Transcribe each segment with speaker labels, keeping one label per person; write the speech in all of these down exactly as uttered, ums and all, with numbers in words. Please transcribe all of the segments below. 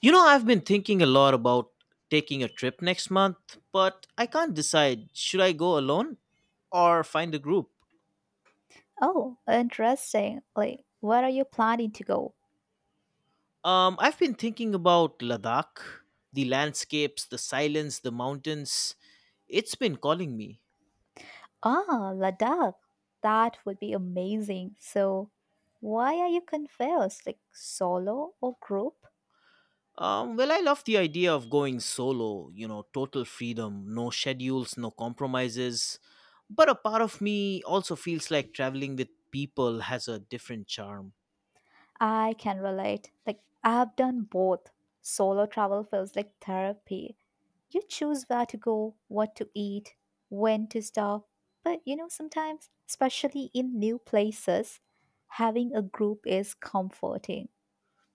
Speaker 1: You know, I've been thinking a lot about taking a trip next month, but I can't decide, should I go alone or find a group?
Speaker 2: Oh, interesting. Like, where are you planning to go?
Speaker 1: Um, I've been thinking about Ladakh, the landscapes, the silence, the mountains. It's been calling me.
Speaker 2: Ah, Ladakh. That would be amazing. So, why are you confused? Like, solo or group?
Speaker 1: Um, well, I love the idea of going solo, you know, total freedom, no schedules, no compromises. But a part of me also feels like traveling with people has a different charm.
Speaker 2: I can relate. Like, I've done both. Solo travel feels like therapy. You choose where to go, what to eat, when to stop. But, you know, sometimes, especially in new places, having a group is comforting.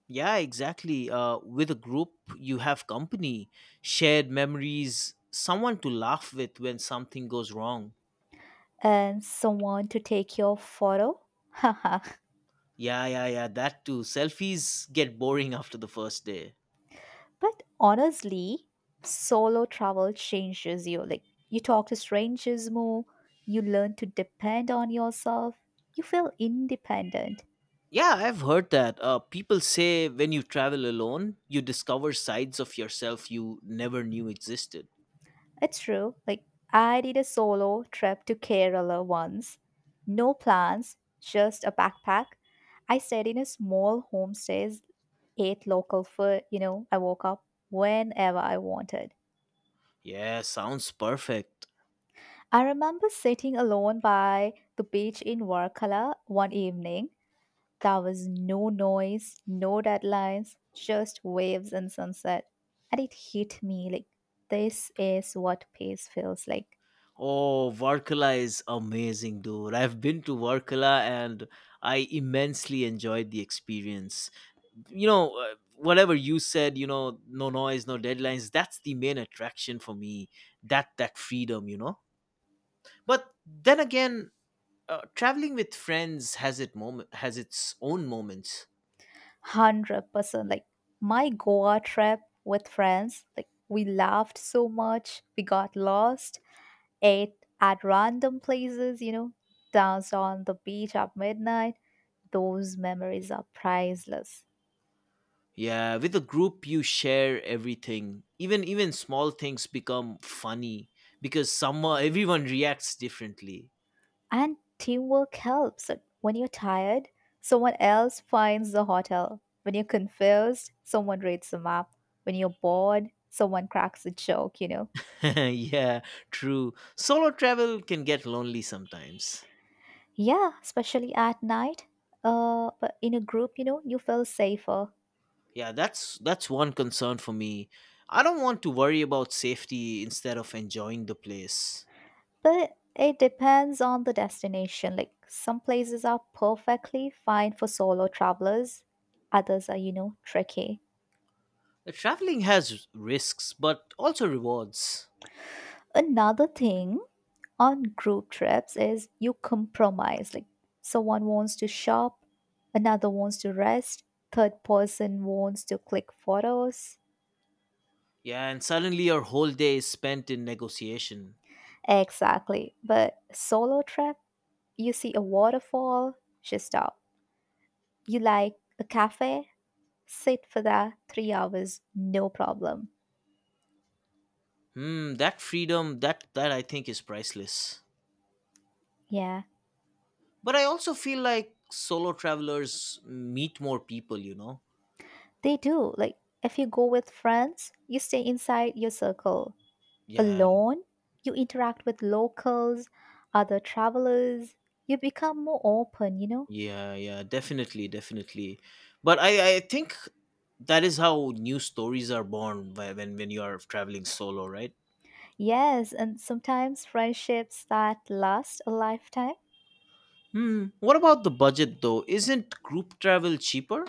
Speaker 1: Yeah, exactly. Uh, with a group, you have company, shared memories, someone to laugh with when something goes wrong.
Speaker 2: And someone to take your photo.
Speaker 1: Yeah, yeah, yeah, that too. Selfies get boring after the first day.
Speaker 2: But honestly, solo travel changes you. Like you talk to strangers more, you learn to depend on yourself, you feel independent.
Speaker 1: Yeah, I've heard that. Uh, people say when you travel alone, you discover sides of yourself you never knew existed.
Speaker 2: It's true. Like I did a solo trip to Kerala once. No plans, just a backpack. I stayed in a small homestay, ate local food, you know, I woke up whenever I wanted.
Speaker 1: Yeah, sounds perfect.
Speaker 2: I remember sitting alone by the beach in Varkala one evening. There was no noise, no deadlines, just waves and sunset. And it hit me like this is what peace feels like.
Speaker 1: Oh, Varkala is amazing, dude. I've been to Varkala and I immensely enjoyed the experience. You know uh, whatever you said, you know no noise, no deadlines, that's the main attraction for me. That that freedom you know But then again, uh, traveling with friends has it moment has its own moments.
Speaker 2: one hundred percent like my Goa trip with friends, like we laughed so much, we got lost, ate at random places, you know, danced on the beach at midnight. Those memories are priceless.
Speaker 1: Yeah, with a group, you share everything. Even even small things become funny because some everyone reacts differently.
Speaker 2: And teamwork helps. When you're tired, someone else finds the hotel. When you're confused, someone reads the map. When you're bored, someone cracks a joke, you know.
Speaker 1: Yeah, true, solo travel can get lonely sometimes.
Speaker 2: Yeah, especially at night. Uh, but in a group, you know, you feel safer.
Speaker 1: Yeah, that's that's one concern for me. I don't want to worry about safety instead of enjoying the place.
Speaker 2: But it depends on the destination. Like some places are perfectly fine for solo travelers, others are, you know, tricky.
Speaker 1: Uh, Traveling has risks, but also rewards.
Speaker 2: Another thing on group trips is you compromise. Like someone wants to shop, another wants to rest, third person wants to click photos.
Speaker 1: Yeah, and suddenly your whole day is spent in negotiation.
Speaker 2: Exactly. But solo trip, you see a waterfall, just stop. You like a cafe, sit for that three hours, no problem.
Speaker 1: Hmm, that freedom, that that I think is priceless.
Speaker 2: Yeah,
Speaker 1: But I also feel like solo travelers meet more people, you know.
Speaker 2: they do. Like if you go with friends, you stay inside your circle.
Speaker 1: Yeah,
Speaker 2: Alone, you interact with locals, other travelers, you become more open, you know?
Speaker 1: Yeah, yeah, definitely, definitely. But I, I think that is how new stories are born wh- when when you are traveling solo, right?
Speaker 2: Yes, and sometimes friendships that last a lifetime.
Speaker 1: Hmm. What about the budget though? Isn't group travel cheaper?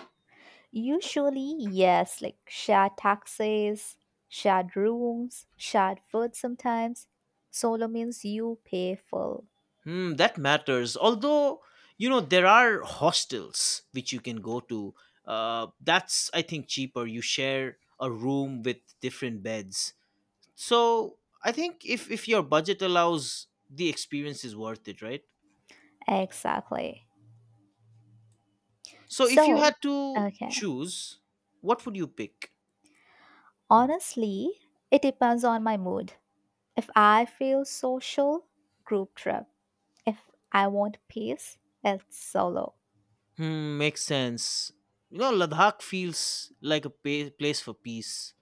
Speaker 2: Usually, yes, like shared taxis, shared rooms, shared food sometimes. Solo means you pay full.
Speaker 1: Hmm, that matters. Although, you know, there are hostels which you can go to. Uh, that's I think cheaper. You share a room with different beds. So I think if if your budget allows, the experience is worth it, right?
Speaker 2: Exactly.
Speaker 1: So if you had
Speaker 2: So,
Speaker 1: to
Speaker 2: okay.
Speaker 1: choose, what would you pick?
Speaker 2: Honestly, it depends on my mood. If I feel social, group trip. If I want peace, it's solo.
Speaker 1: Hmm, makes sense. You know, Ladakh feels like a pa- place for peace.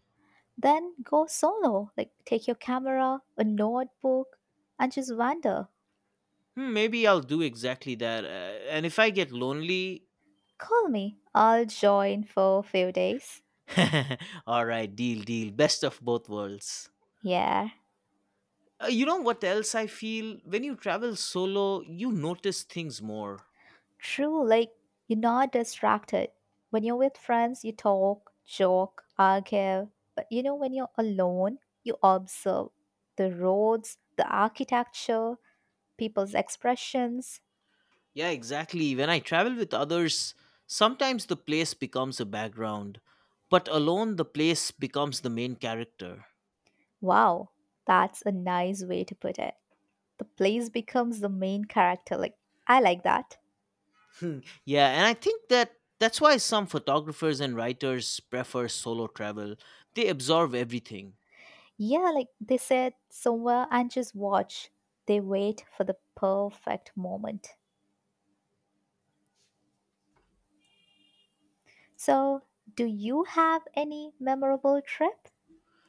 Speaker 2: Then go solo. Like take your camera, a notebook, and just wander.
Speaker 1: Hmm, maybe I'll do exactly that. Uh, and if I get lonely,
Speaker 2: Call me. I'll join for a few days.
Speaker 1: all right, deal, deal. Best of both worlds.
Speaker 2: Yeah,
Speaker 1: Uh, you know what else I feel? When you travel solo, you notice things more.
Speaker 2: true. Like you're not distracted. When you're with friends, you talk, joke, argue. But you know, when you're alone, you observe the roads, the architecture, people's expressions.
Speaker 1: Yeah, exactly. When I travel with others, sometimes the place becomes a background, but alone, the place becomes the main character.
Speaker 2: Wow, that's a nice way to put it. The place becomes the main character. Like, I like that.
Speaker 1: Yeah, and I think that that's why some photographers and writers prefer solo travel. They absorb everything.
Speaker 2: Yeah, like they sit somewhere and just watch. They wait for the perfect moment. So, do you have any memorable trip?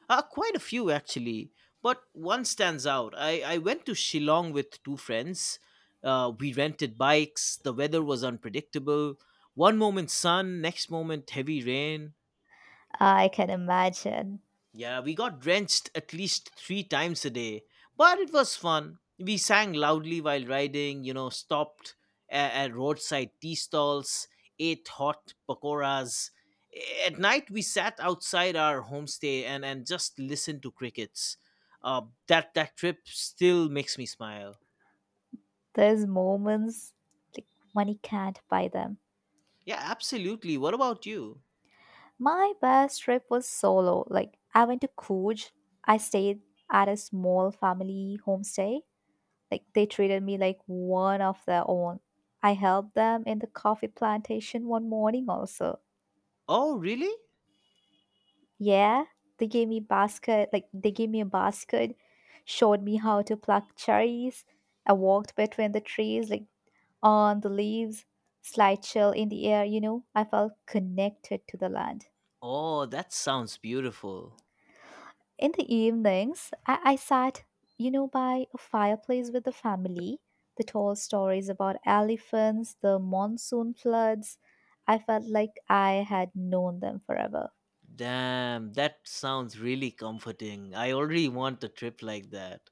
Speaker 1: Uh, quite a few, actually. But one stands out. I, I went to Shillong with two friends. Uh, we rented bikes. The weather was unpredictable. One moment sun, next moment heavy rain.
Speaker 2: I can imagine.
Speaker 1: Yeah, we got drenched at least three times a day, but it was fun. We sang loudly while riding, you know, stopped at, at roadside tea stalls, ate hot pakoras. At night, we sat outside our homestay and, and just listened to crickets. Uh, that, that trip still makes me smile.
Speaker 2: There's moments like money can't buy them.
Speaker 1: Yeah, absolutely. What about you?
Speaker 2: My best trip was solo. Like, I went to Coorg. I stayed at a small family homestay. Like they treated me like one of their own. I helped them in the coffee plantation one morning also.
Speaker 1: Oh, really?
Speaker 2: Yeah, they gave me basket, like they gave me a basket, showed me how to pluck cherries. I walked between the trees, like on the leaves, slight chill in the air, you know. I felt connected to the land.
Speaker 1: Oh, that sounds beautiful.
Speaker 2: In the evenings, I, I sat, you know, by a fireplace with the family. The tall stories about elephants, the monsoon floods. I felt like I had known them forever.
Speaker 1: Damn, that sounds really comforting. I already want a trip like that.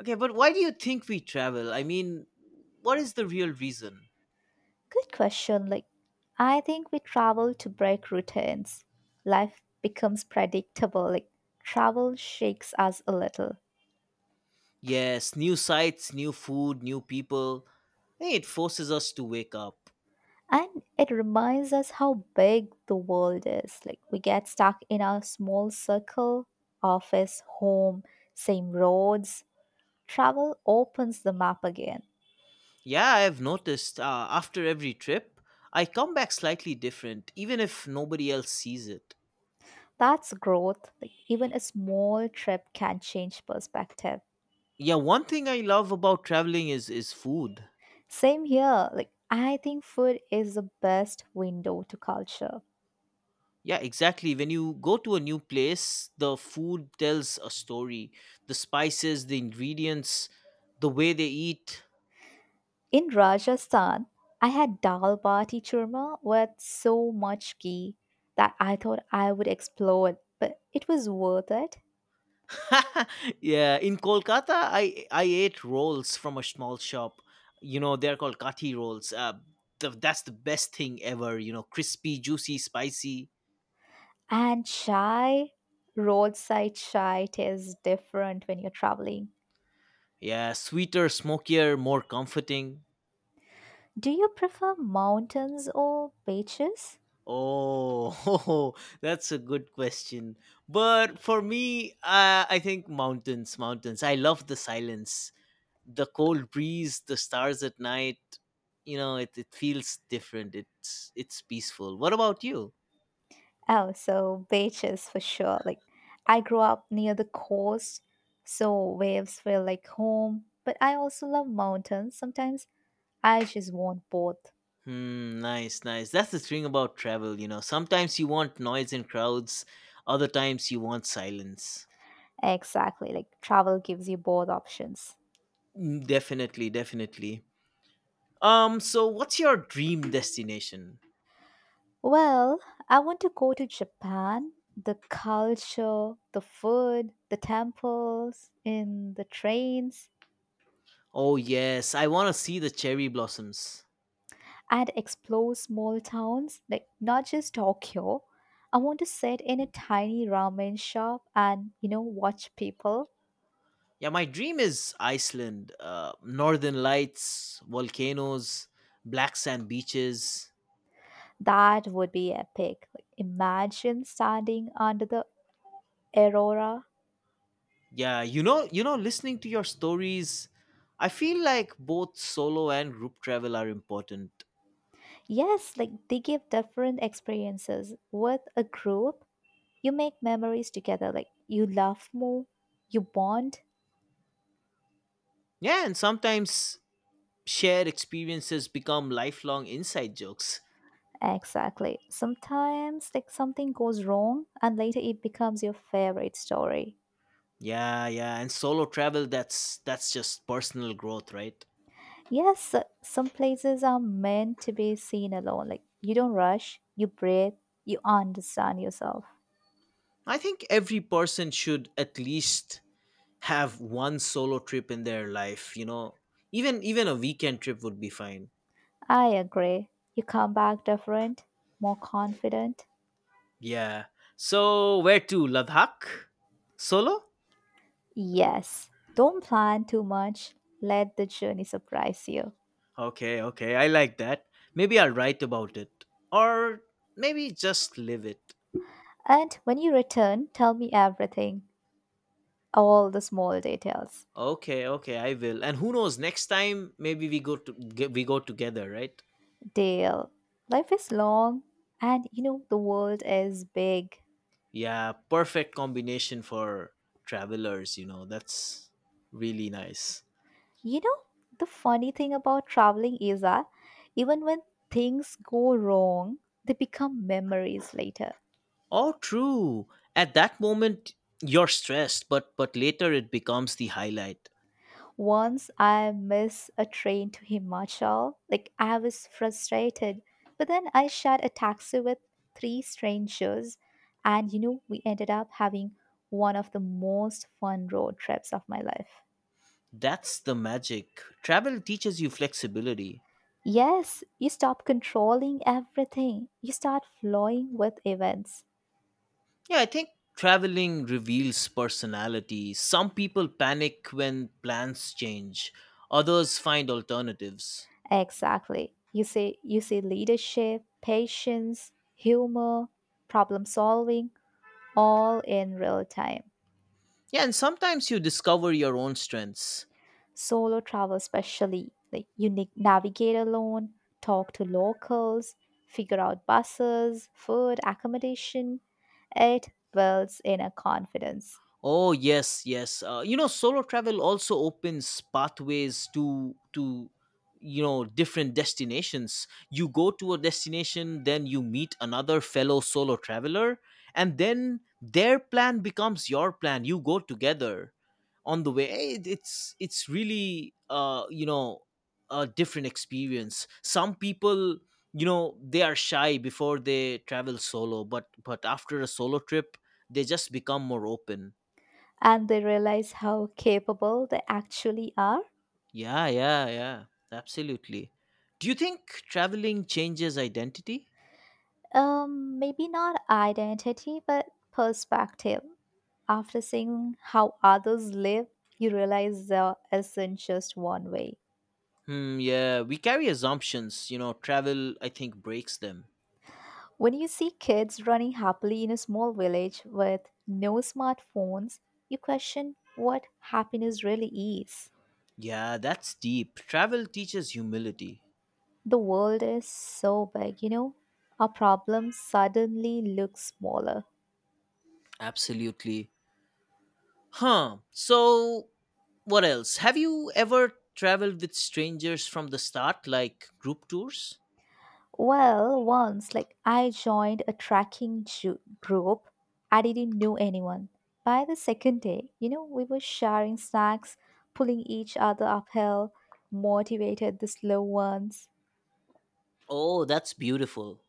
Speaker 1: Okay, but why do you think we travel? I mean, what is the real reason?
Speaker 2: Good question. Like, I think we travel to break routines. Life becomes predictable. Like, travel shakes us a little.
Speaker 1: Yes, new sights, new food, new people. Hey, it forces us to wake up.
Speaker 2: And it reminds us how big the world is. Like, we get stuck in our small circle. Office, home, same roads. Travel opens the map again.
Speaker 1: Yeah, I have noticed, uh, after every trip, I come back slightly different, even if nobody else sees it.
Speaker 2: That's growth. Like, even a small trip can change perspective.
Speaker 1: Yeah, one thing I love about traveling is is food.
Speaker 2: Same here. Like, I think food is the best window to culture.
Speaker 1: Yeah, exactly. When you go to a new place, the food tells a story. The spices, the ingredients, the way they eat.
Speaker 2: In Rajasthan, I had dal bati churma with so much ghee that I thought I would explode, but it was worth it.
Speaker 1: Yeah, in Kolkata, I I ate rolls from a small shop. You know, they're called kati rolls. Uh, the, that's the best thing ever. You know, crispy, juicy, spicy.
Speaker 2: And chai, roadside chai tastes different when you're traveling.
Speaker 1: Yeah, sweeter, smokier, more comforting.
Speaker 2: Do you prefer mountains or beaches?
Speaker 1: Oh, that's a good question. But for me, uh, I think mountains, mountains. I love the silence, the cold breeze, the stars at night. You know, it, it feels different. It's it's peaceful. What about you?
Speaker 2: Oh, so beaches for sure. Like I grew up near the coast, so waves feel like home, but I also love mountains. Sometimes I just want both.
Speaker 1: Hmm, nice, nice. That's the thing about travel, you know. Sometimes you want noise and crowds, other times you want silence.
Speaker 2: Exactly, like travel gives you both options.
Speaker 1: Mm, definitely, definitely. Um, so what's your dream destination?
Speaker 2: Well, I want to go to Japan. The culture, the food, the temples, in the trains,
Speaker 1: Oh yes, I want to see the cherry blossoms.
Speaker 2: and explore small towns, like not just Tokyo. I want to sit in a tiny ramen shop and, you know, watch people.
Speaker 1: Yeah, my dream is Iceland, uh, northern lights, volcanoes, black sand beaches.
Speaker 2: That would be epic. Like, imagine standing under the aurora.
Speaker 1: Yeah, you know, you know, listening to your stories, I feel like both solo and group travel are important.
Speaker 2: Yes, like they give different experiences with a group. You make memories together, like you laugh more, you bond.
Speaker 1: Yeah, and sometimes shared experiences become lifelong inside jokes.
Speaker 2: Exactly. Sometimes, like something goes wrong, and later it becomes your favorite story.
Speaker 1: Yeah, yeah, and solo travel, that's that's just personal growth, right?
Speaker 2: Yes, some places are meant to be seen alone. Like you don't rush, you breathe, you understand yourself.
Speaker 1: I think every person should at least have one solo trip in their life you know even even a weekend trip would be fine.
Speaker 2: I agree. You come back different, more confident.
Speaker 1: Yeah, so where to? Ladakh solo?
Speaker 2: Yes, don't plan too much. Let the journey surprise you.
Speaker 1: Okay, okay, I like that. Maybe I'll write about it, or maybe just live it.
Speaker 2: And when you return, tell me everything. All the small details.
Speaker 1: Okay, okay, I will. And who knows, next time maybe we go to get, we go together, right?
Speaker 2: Dale, life is long, and you know the world is big.
Speaker 1: Yeah, perfect combination for travelers, you know that's really nice.
Speaker 2: You know, the funny thing about traveling is that even when things go wrong, they become memories later.
Speaker 1: Oh, true. At that moment, you're stressed, but but later it becomes the highlight.
Speaker 2: Once I missed a train to Himachal, like I was frustrated, but then I shared a taxi with three strangers, and you know, we ended up having one of the most fun road trips of my life.
Speaker 1: That's the magic. Travel teaches you flexibility.
Speaker 2: Yes, you stop controlling everything. You start flowing with events.
Speaker 1: Yeah, I think traveling reveals personality. Some people panic when plans change. Others find alternatives.
Speaker 2: Exactly. You see you see leadership, patience, humor, problem solving all in real time.
Speaker 1: Yeah, and sometimes you discover your own strengths.
Speaker 2: Solo travel especially, like you ni- navigate alone, talk to locals, figure out buses, food, accommodation. It builds inner confidence,
Speaker 1: Oh yes, yes. Uh, you know, solo travel also opens pathways to to you know different destinations. You go to a destination, then you meet another fellow solo traveler, and then their plan becomes your plan. You go together on the way. Eh, it- It's it's really uh you know a different experience. Some people you know they are shy before they travel solo, but but after a solo trip, they just become more open.
Speaker 2: and they realize how capable they actually are.
Speaker 1: Yeah, yeah, yeah. Absolutely. Do you think traveling changes identity?
Speaker 2: Um, maybe not identity, but perspective. After seeing how others live, you realize there isn't just one way.
Speaker 1: Hmm, yeah, we carry assumptions, you know, travel I think breaks them.
Speaker 2: When you see kids running happily in a small village with no smartphones, you question what happiness really is.
Speaker 1: Yeah, that's deep. Travel teaches humility.
Speaker 2: The world is so big, you know, our problem suddenly looks smaller.
Speaker 1: Absolutely. Huh. So what else? Have you ever traveled with strangers from the start, like group tours?
Speaker 2: Well, once, like, I joined a tracking ju- group. I didn't know anyone. By the second day, you know, we were sharing snacks, pulling each other uphill, motivated the slow ones.
Speaker 1: Oh, that's beautiful.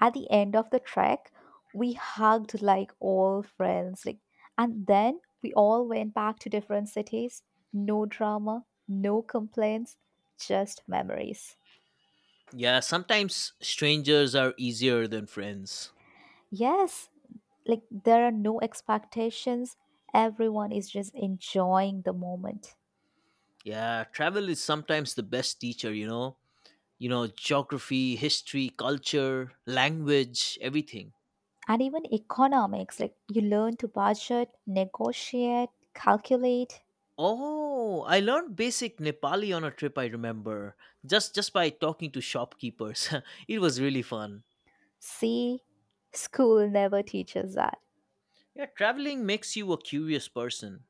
Speaker 2: At the end of the trek, we hugged like all friends. Like, and then we all went back to different cities. No drama, no complaints, just memories.
Speaker 1: Yeah, sometimes strangers are easier than friends.
Speaker 2: Yes, like there are no expectations. Everyone is just enjoying the moment.
Speaker 1: Yeah, travel is sometimes the best teacher, you know. You know, geography, history, culture, language, everything.
Speaker 2: And even economics. Like, you learn to budget, negotiate, calculate.
Speaker 1: Oh, I learned basic Nepali on a trip I remember, just just by talking to shopkeepers. It was really fun.
Speaker 2: See, school never teaches that.
Speaker 1: Yeah, traveling makes you a curious person.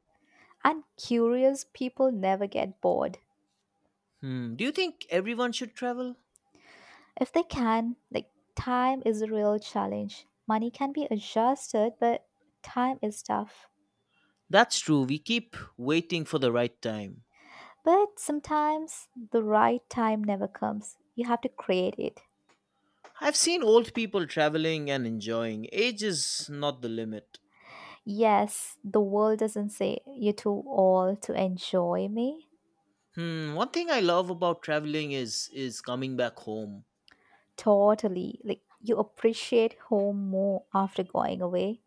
Speaker 2: And curious people never get bored.
Speaker 1: Hmm, do you think everyone should travel?
Speaker 2: If they can. Like, time is a real challenge. Money can be adjusted, but time is tough.
Speaker 1: That's true. We keep waiting for the right time.
Speaker 2: But sometimes the right time never comes. You have to create it.
Speaker 1: I've seen old people traveling and enjoying. Age is not the limit.
Speaker 2: Yes, the world doesn't say you're too old to enjoy me.
Speaker 1: Hmm, one thing I love about traveling is is coming back home.
Speaker 2: Totally. Like you appreciate home more after going away.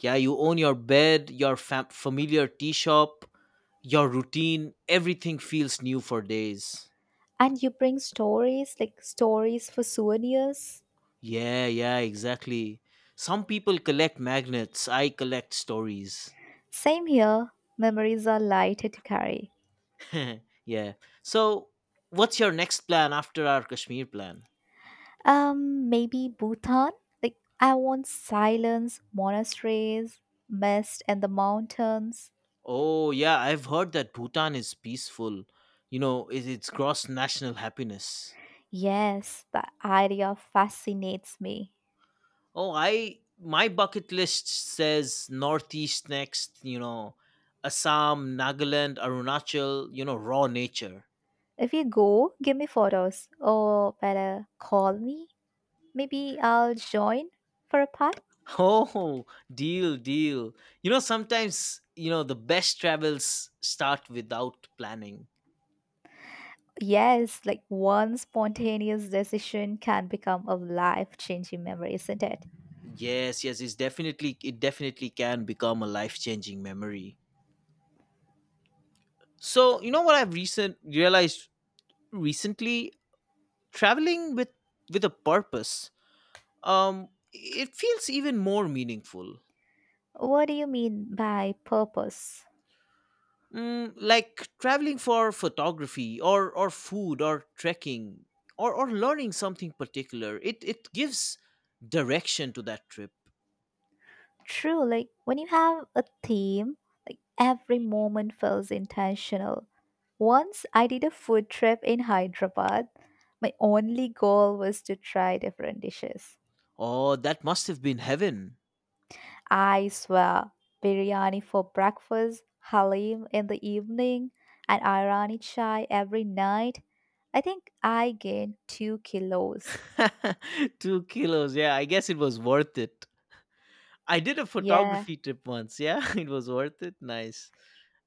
Speaker 1: Yeah, you own your bed, your fam- familiar tea shop, your routine, everything feels new for days.
Speaker 2: And you bring stories, like stories for souvenirs.
Speaker 1: Yeah, yeah, exactly. Some people collect magnets, I collect stories.
Speaker 2: Same here. Memories are lighter to carry.
Speaker 1: Yeah. So, what's your next plan after our Kashmir plan?
Speaker 2: Um, maybe Bhutan? Like I want silence, monasteries, mist and the mountains.
Speaker 1: Oh, yeah, I've heard that Bhutan is peaceful. You know, it, it's gross national happiness.
Speaker 2: Yes, the idea fascinates me.
Speaker 1: Oh, I my bucket list says Northeast next, you know, Assam, Nagaland, Arunachal, you know, raw nature.
Speaker 2: If you go, give me photos or better call me. Maybe I'll join for a part.
Speaker 1: Oh, deal, deal. You know, sometimes, you know, the best travels start without planning.
Speaker 2: Yes, like one spontaneous decision can become a life changing memory, isn't it?
Speaker 1: Yes, yes, it's definitely it definitely can become a life-changing memory. So, you know what I've recent realized recently? Traveling with with a purpose. Um it feels even more meaningful.
Speaker 2: What do you mean by purpose?
Speaker 1: Mm, like traveling for photography or or food or trekking or or learning something particular. It it gives direction to that trip.
Speaker 2: True, like when you have a theme, like every moment feels intentional. Once I did a food trip in Hyderabad, my only goal was to try different dishes.
Speaker 1: Oh, that must have been heaven.
Speaker 2: I swear, biryani for breakfast, halim in the evening, and Irani chai every night. I think I gained two kilos.
Speaker 1: Two kilos. Yeah, I guess it was worth it. I did a
Speaker 2: Yeah,
Speaker 1: photography trip once. Yeah, it was worth it. Nice.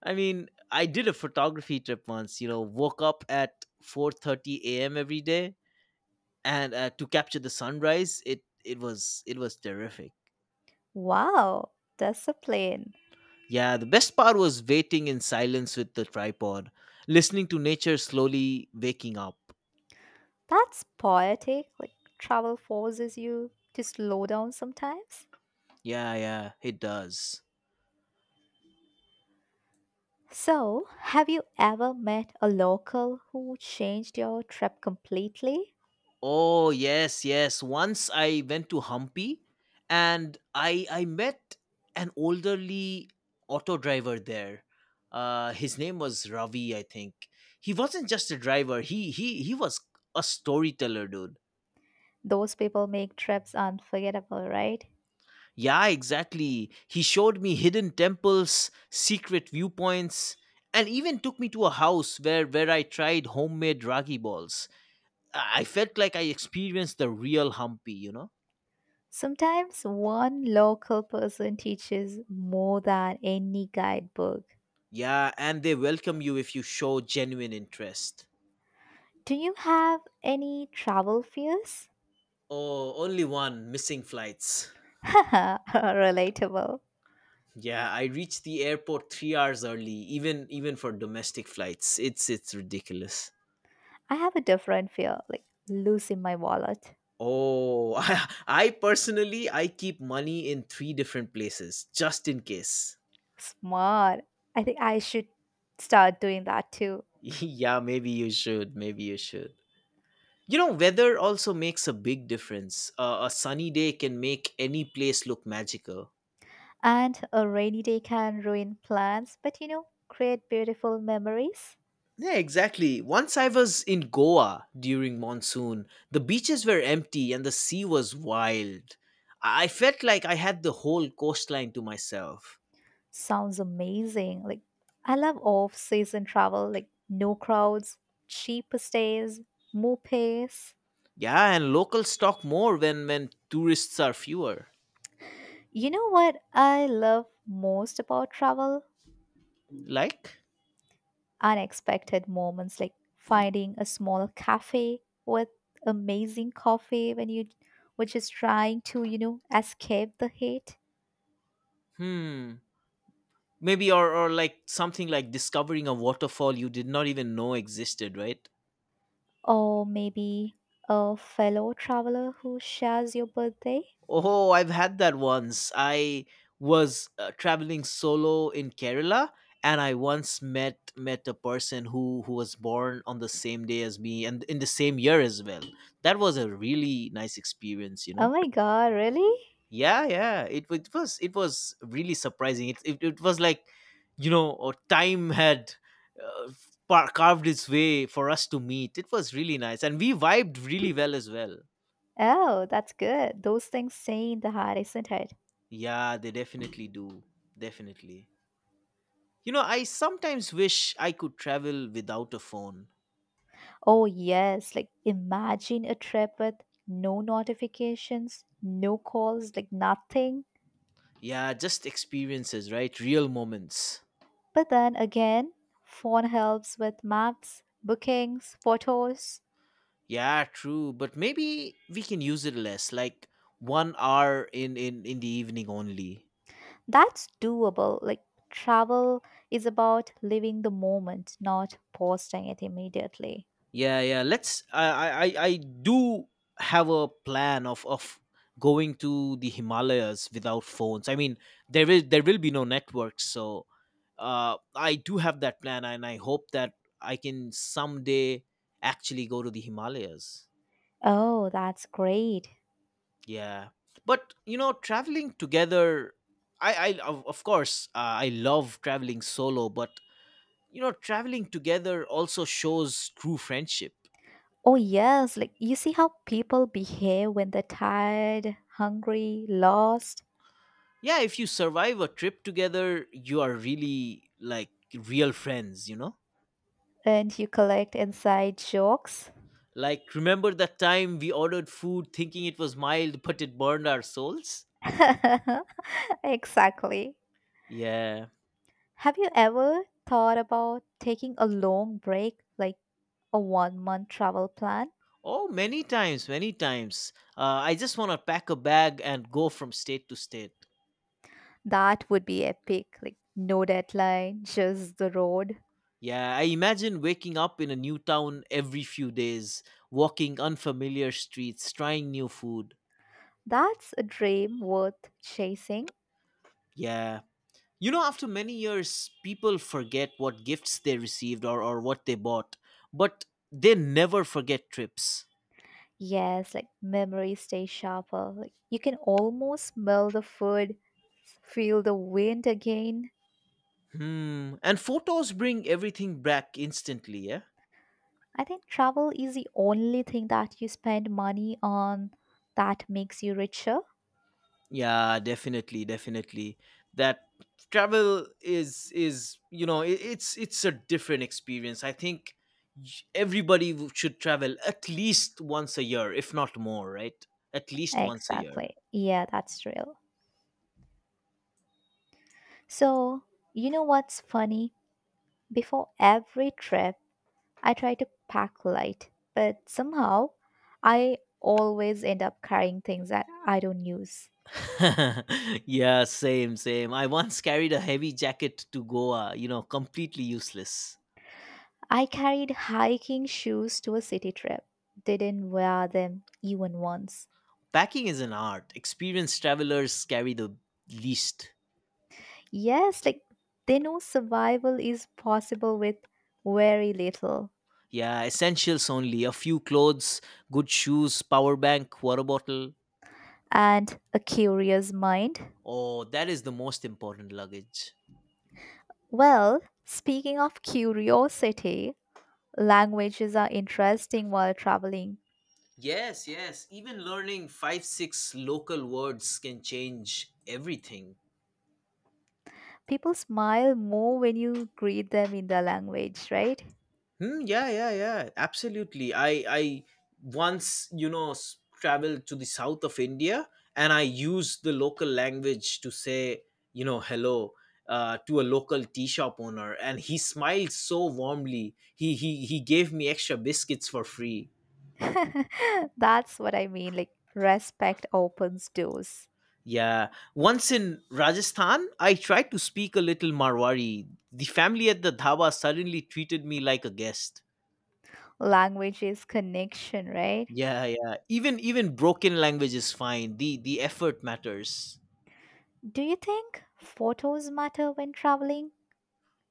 Speaker 1: I mean, I did a photography trip once. You know, woke up at four thirty a m every day and uh, to capture the sunrise. It it was it was terrific.
Speaker 2: wow, discipline.
Speaker 1: Yeah, the best part was waiting in silence with the tripod, listening to nature slowly waking up.
Speaker 2: That's poetic. Like, travel forces you to slow down sometimes.
Speaker 1: Yeah, yeah, it does.
Speaker 2: So, have you ever met a local who changed your trip completely?
Speaker 1: Oh yes, yes, once I went to Humpy, and i i met an elderly auto driver there. Uh his name was Ravi, I think. He wasn't just a driver, he he he was a storyteller, dude.
Speaker 2: Those people make trips unforgettable, right?
Speaker 1: Yeah, exactly. He showed me hidden temples, secret viewpoints, and even took me to a house where where I tried homemade ragi balls. I I felt like I experienced the real Hampi, you know?
Speaker 2: Sometimes one local person teaches more than any guidebook.
Speaker 1: Yeah, and they welcome you if you show genuine interest.
Speaker 2: Do you have any travel fears?
Speaker 1: Oh, only one, missing flights.
Speaker 2: Haha, relatable.
Speaker 1: Yeah, I reached the airport three hours early, even even for domestic flights. It's it's ridiculous.
Speaker 2: I have a different fear, like losing my wallet.
Speaker 1: Oh, I, I personally I keep money in three different places, just in case.
Speaker 2: Smart. I think I should start doing that too.
Speaker 1: Yeah, maybe you should. Maybe you should. You know, weather also makes a big difference. Uh, a sunny day can make any place look magical.
Speaker 2: And a rainy day can ruin plans, but you know, create beautiful memories.
Speaker 1: Yeah, exactly. Once I was in Goa during monsoon, the beaches were empty and the sea was wild. I I felt like I had the whole coastline to myself.
Speaker 2: Sounds amazing. Like, I love off season travel, like, no crowds, cheap stays, more pace.
Speaker 1: Yeah, and locals talk more when when tourists are fewer.
Speaker 2: You know what I love most about travel?
Speaker 1: Like?
Speaker 2: Unexpected moments like finding a small cafe with amazing coffee when you were just trying to, you know, escape the heat.
Speaker 1: Hmm. Maybe or or like something like discovering a waterfall you did not even know existed, right?
Speaker 2: Or maybe a fellow traveler who shares your birthday.
Speaker 1: Oh, I've had that once. I was uh, traveling solo in Kerala, and I once met met a person who who was born on the same day as me and in the same year as well. That was a really nice experience, you
Speaker 2: Oh
Speaker 1: know.
Speaker 2: my god, really?
Speaker 1: Yeah, yeah, it, wa- it was it was really surprising. It, it, it was like, you know or time had uh, par- carved its way for us to meet. It was really nice, and we vibed really well as well.
Speaker 2: Oh, that's good. Those things stay in the heart, isn't it?
Speaker 1: Yeah, they definitely do. Definitely. you know I sometimes wish I could travel without a phone.
Speaker 2: Oh, yes. Like, imagine a trip with no notifications, no calls, like nothing.
Speaker 1: Yeah, just experiences, right? Real moments.
Speaker 2: But then again, phone helps with maps, bookings, photos.
Speaker 1: Yeah, true, but maybe we can use it less, like one hour in in in the evening only.
Speaker 2: That's doable. Like, travel is about living the moment, not posting it immediately.
Speaker 1: Yeah, yeah. Let's. I, I, I I do have a plan of of going to the Himalayas without phones. I mean, there is there will be no networks, so uh, I do have that plan, and I hope that I can someday actually go to the Himalayas.
Speaker 2: Oh, that's great.
Speaker 1: Yeah, but you know, traveling together, I, I of, of course uh, I love traveling solo, but you know, traveling together also shows true friendship.
Speaker 2: Oh, yes. Like, you see how people behave when they're tired, hungry, lost?
Speaker 1: Yeah, if you survive a trip together, you are really like real friends you know
Speaker 2: And you collect inside jokes.
Speaker 1: Like, remember that time we ordered food thinking it was mild, but it burned our souls.
Speaker 2: Exactly.
Speaker 1: Yeah.
Speaker 2: Have you ever thought about taking a long break, like a one month travel plan?
Speaker 1: Oh, many times, many times. uh, I just want to pack a bag and go from state to state.
Speaker 2: That would be epic. Like, no deadline, just the road.
Speaker 1: Yeah, I imagine waking up in a new town every few days, walking unfamiliar streets, trying new food.
Speaker 2: That's a dream worth chasing.
Speaker 1: Yeah. You know, after many years, people forget what gifts they received, or, or what they bought, but they never forget trips.
Speaker 2: Yes, like memories stay sharper. Like, you can almost smell the food, feel the wind again.
Speaker 1: Hmm. And photos bring everything back instantly, yeah?
Speaker 2: I think travel is the only thing that you spend money on that makes you richer.
Speaker 1: Yeah, definitely, definitely. That travel is is you know it, it's it's a different experience. I think j- everybody w- should travel at least once a year, if not more, right? At least once a year.
Speaker 2: Exactly. Yeah, that's real. So, you know what's funny? Before every trip, I try to pack light, but somehow I always end up carrying things that I don't use.
Speaker 1: Yeah, same, same. I once carried a heavy jacket to Goa, you know, completely useless.
Speaker 2: I carried hiking shoes to a city trip, didn't wear them even once.
Speaker 1: Packing is an art. Experienced travelers carry the least.
Speaker 2: Yes, like they know survival is possible with very little.
Speaker 1: Yeah, essentials only. A few clothes, good shoes, power bank, water bottle.
Speaker 2: And a curious mind.
Speaker 1: Oh, that is the most important luggage.
Speaker 2: Well, speaking of curiosity, languages are interesting while traveling.
Speaker 1: Yes, yes. Even learning five, six local words can change everything.
Speaker 2: People smile more when you greet them in their language, right?
Speaker 1: Hmm, yeah, yeah, yeah. Absolutely. I I once you know s- traveled to the south of India, and I used the local language to say you know hello uh, to a local tea shop owner, and he smiled so warmly. He he he gave me extra biscuits for free.
Speaker 2: That's what I mean. Like, respect opens doors.
Speaker 1: Yeah. Once in Rajasthan, I tried to speak a little Marwari. The family at the dhaba suddenly treated me like a guest.
Speaker 2: Language is connection, right?
Speaker 1: Yeah, yeah. Even even broken language is fine. The the effort matters.
Speaker 2: Do you think photos matter when traveling?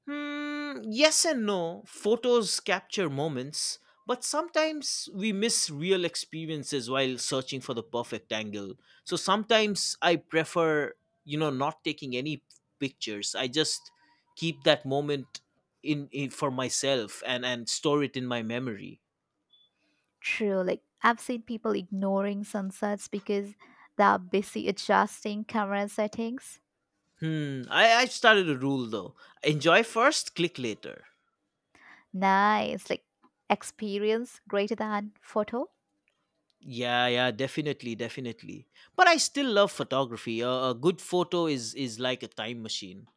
Speaker 1: Hmm, yes and no. Photos capture moments, but sometimes we miss real experiences while searching for the perfect angle. So sometimes I prefer, you know, not taking any pictures. I just keep that moment in, in for myself and and store it in my memory.
Speaker 2: True. Like I've seen people ignoring sunsets because they're busy adjusting camera settings.
Speaker 1: Hmm. I I've started a rule though. Enjoy first, click later.
Speaker 2: Nice. Like experience greater than photo.
Speaker 1: Yeah, yeah, definitely, definitely. But I still love photography. A, a good photo is is like a time machine.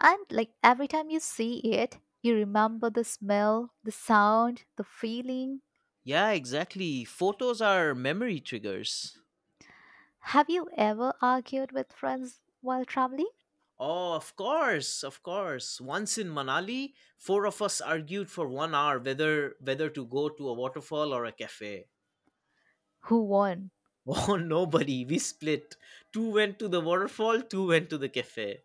Speaker 2: And like every time you see it, you remember the smell, the sound, the feeling.
Speaker 1: Yeah, exactly. Photos are memory triggers.
Speaker 2: Have you ever argued with friends while traveling?
Speaker 1: Oh, of course, of course. Once in Manali, four of us argued for one hour whether whether to go to a waterfall or a cafe.
Speaker 2: Who won?
Speaker 1: Oh, nobody. We split. Two went to the waterfall, two went to the cafe.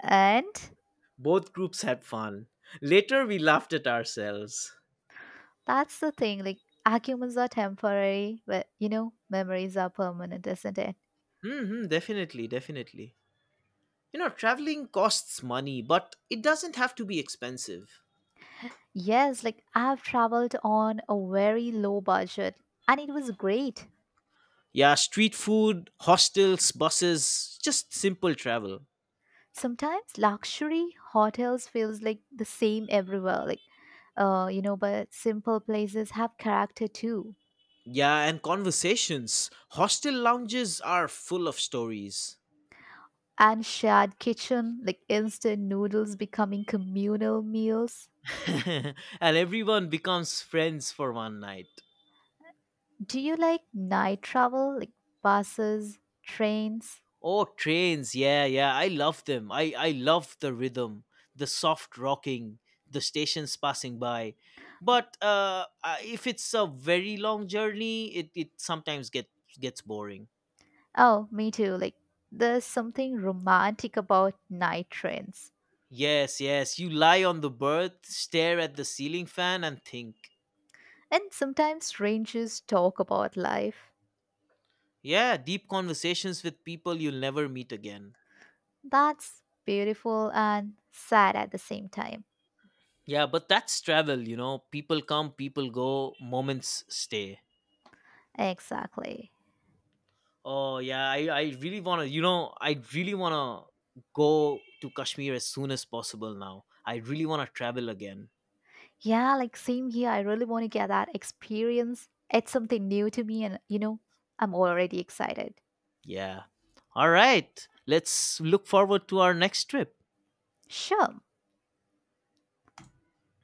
Speaker 2: And
Speaker 1: Both groups had fun. Later, we laughed at ourselves.
Speaker 2: that's the thing, like arguments are temporary, but you know, memories are permanent, isn't it?
Speaker 1: Hmm, hmm, definitely, definitely. You know, traveling costs money, but it doesn't have to be expensive.
Speaker 2: Yes, like I've traveled on a very low budget and it was great.
Speaker 1: Yeah, street food, hostels, buses, just simple travel.
Speaker 2: Sometimes luxury hotels feels like the same everywhere, like uh, you know, but simple places have character too.
Speaker 1: Yeah, and conversations. Hostel lounges are full of stories.
Speaker 2: And shared kitchen, like instant noodles becoming communal meals.
Speaker 1: And everyone becomes friends for one night.
Speaker 2: Do you like night travel, like buses, trains?
Speaker 1: Oh, trains. Yeah, yeah. I love them. I, I love the rhythm, the soft rocking, the stations passing by. But uh, uh, if it's a very long journey, it, it sometimes get, gets boring.
Speaker 2: Oh, me too. Like there's something romantic about night trains.
Speaker 1: Yes, yes. You lie on the berth, stare at the ceiling fan, and think.
Speaker 2: And sometimes strangers talk about life.
Speaker 1: Yeah, deep conversations with people you'll never meet again.
Speaker 2: That's beautiful and sad at the same time.
Speaker 1: Yeah, but that's travel, you know. People come, people go, moments stay.
Speaker 2: Exactly.
Speaker 1: Oh yeah, I, I really wanna you know, I really wanna go to Kashmir as soon as possible now. I really wanna travel again.
Speaker 2: Yeah, like same here. I really want to get that experience. It's something new to me, and you know, I'm already excited.
Speaker 1: Yeah. All right. Let's look forward to our next trip.
Speaker 2: Sure.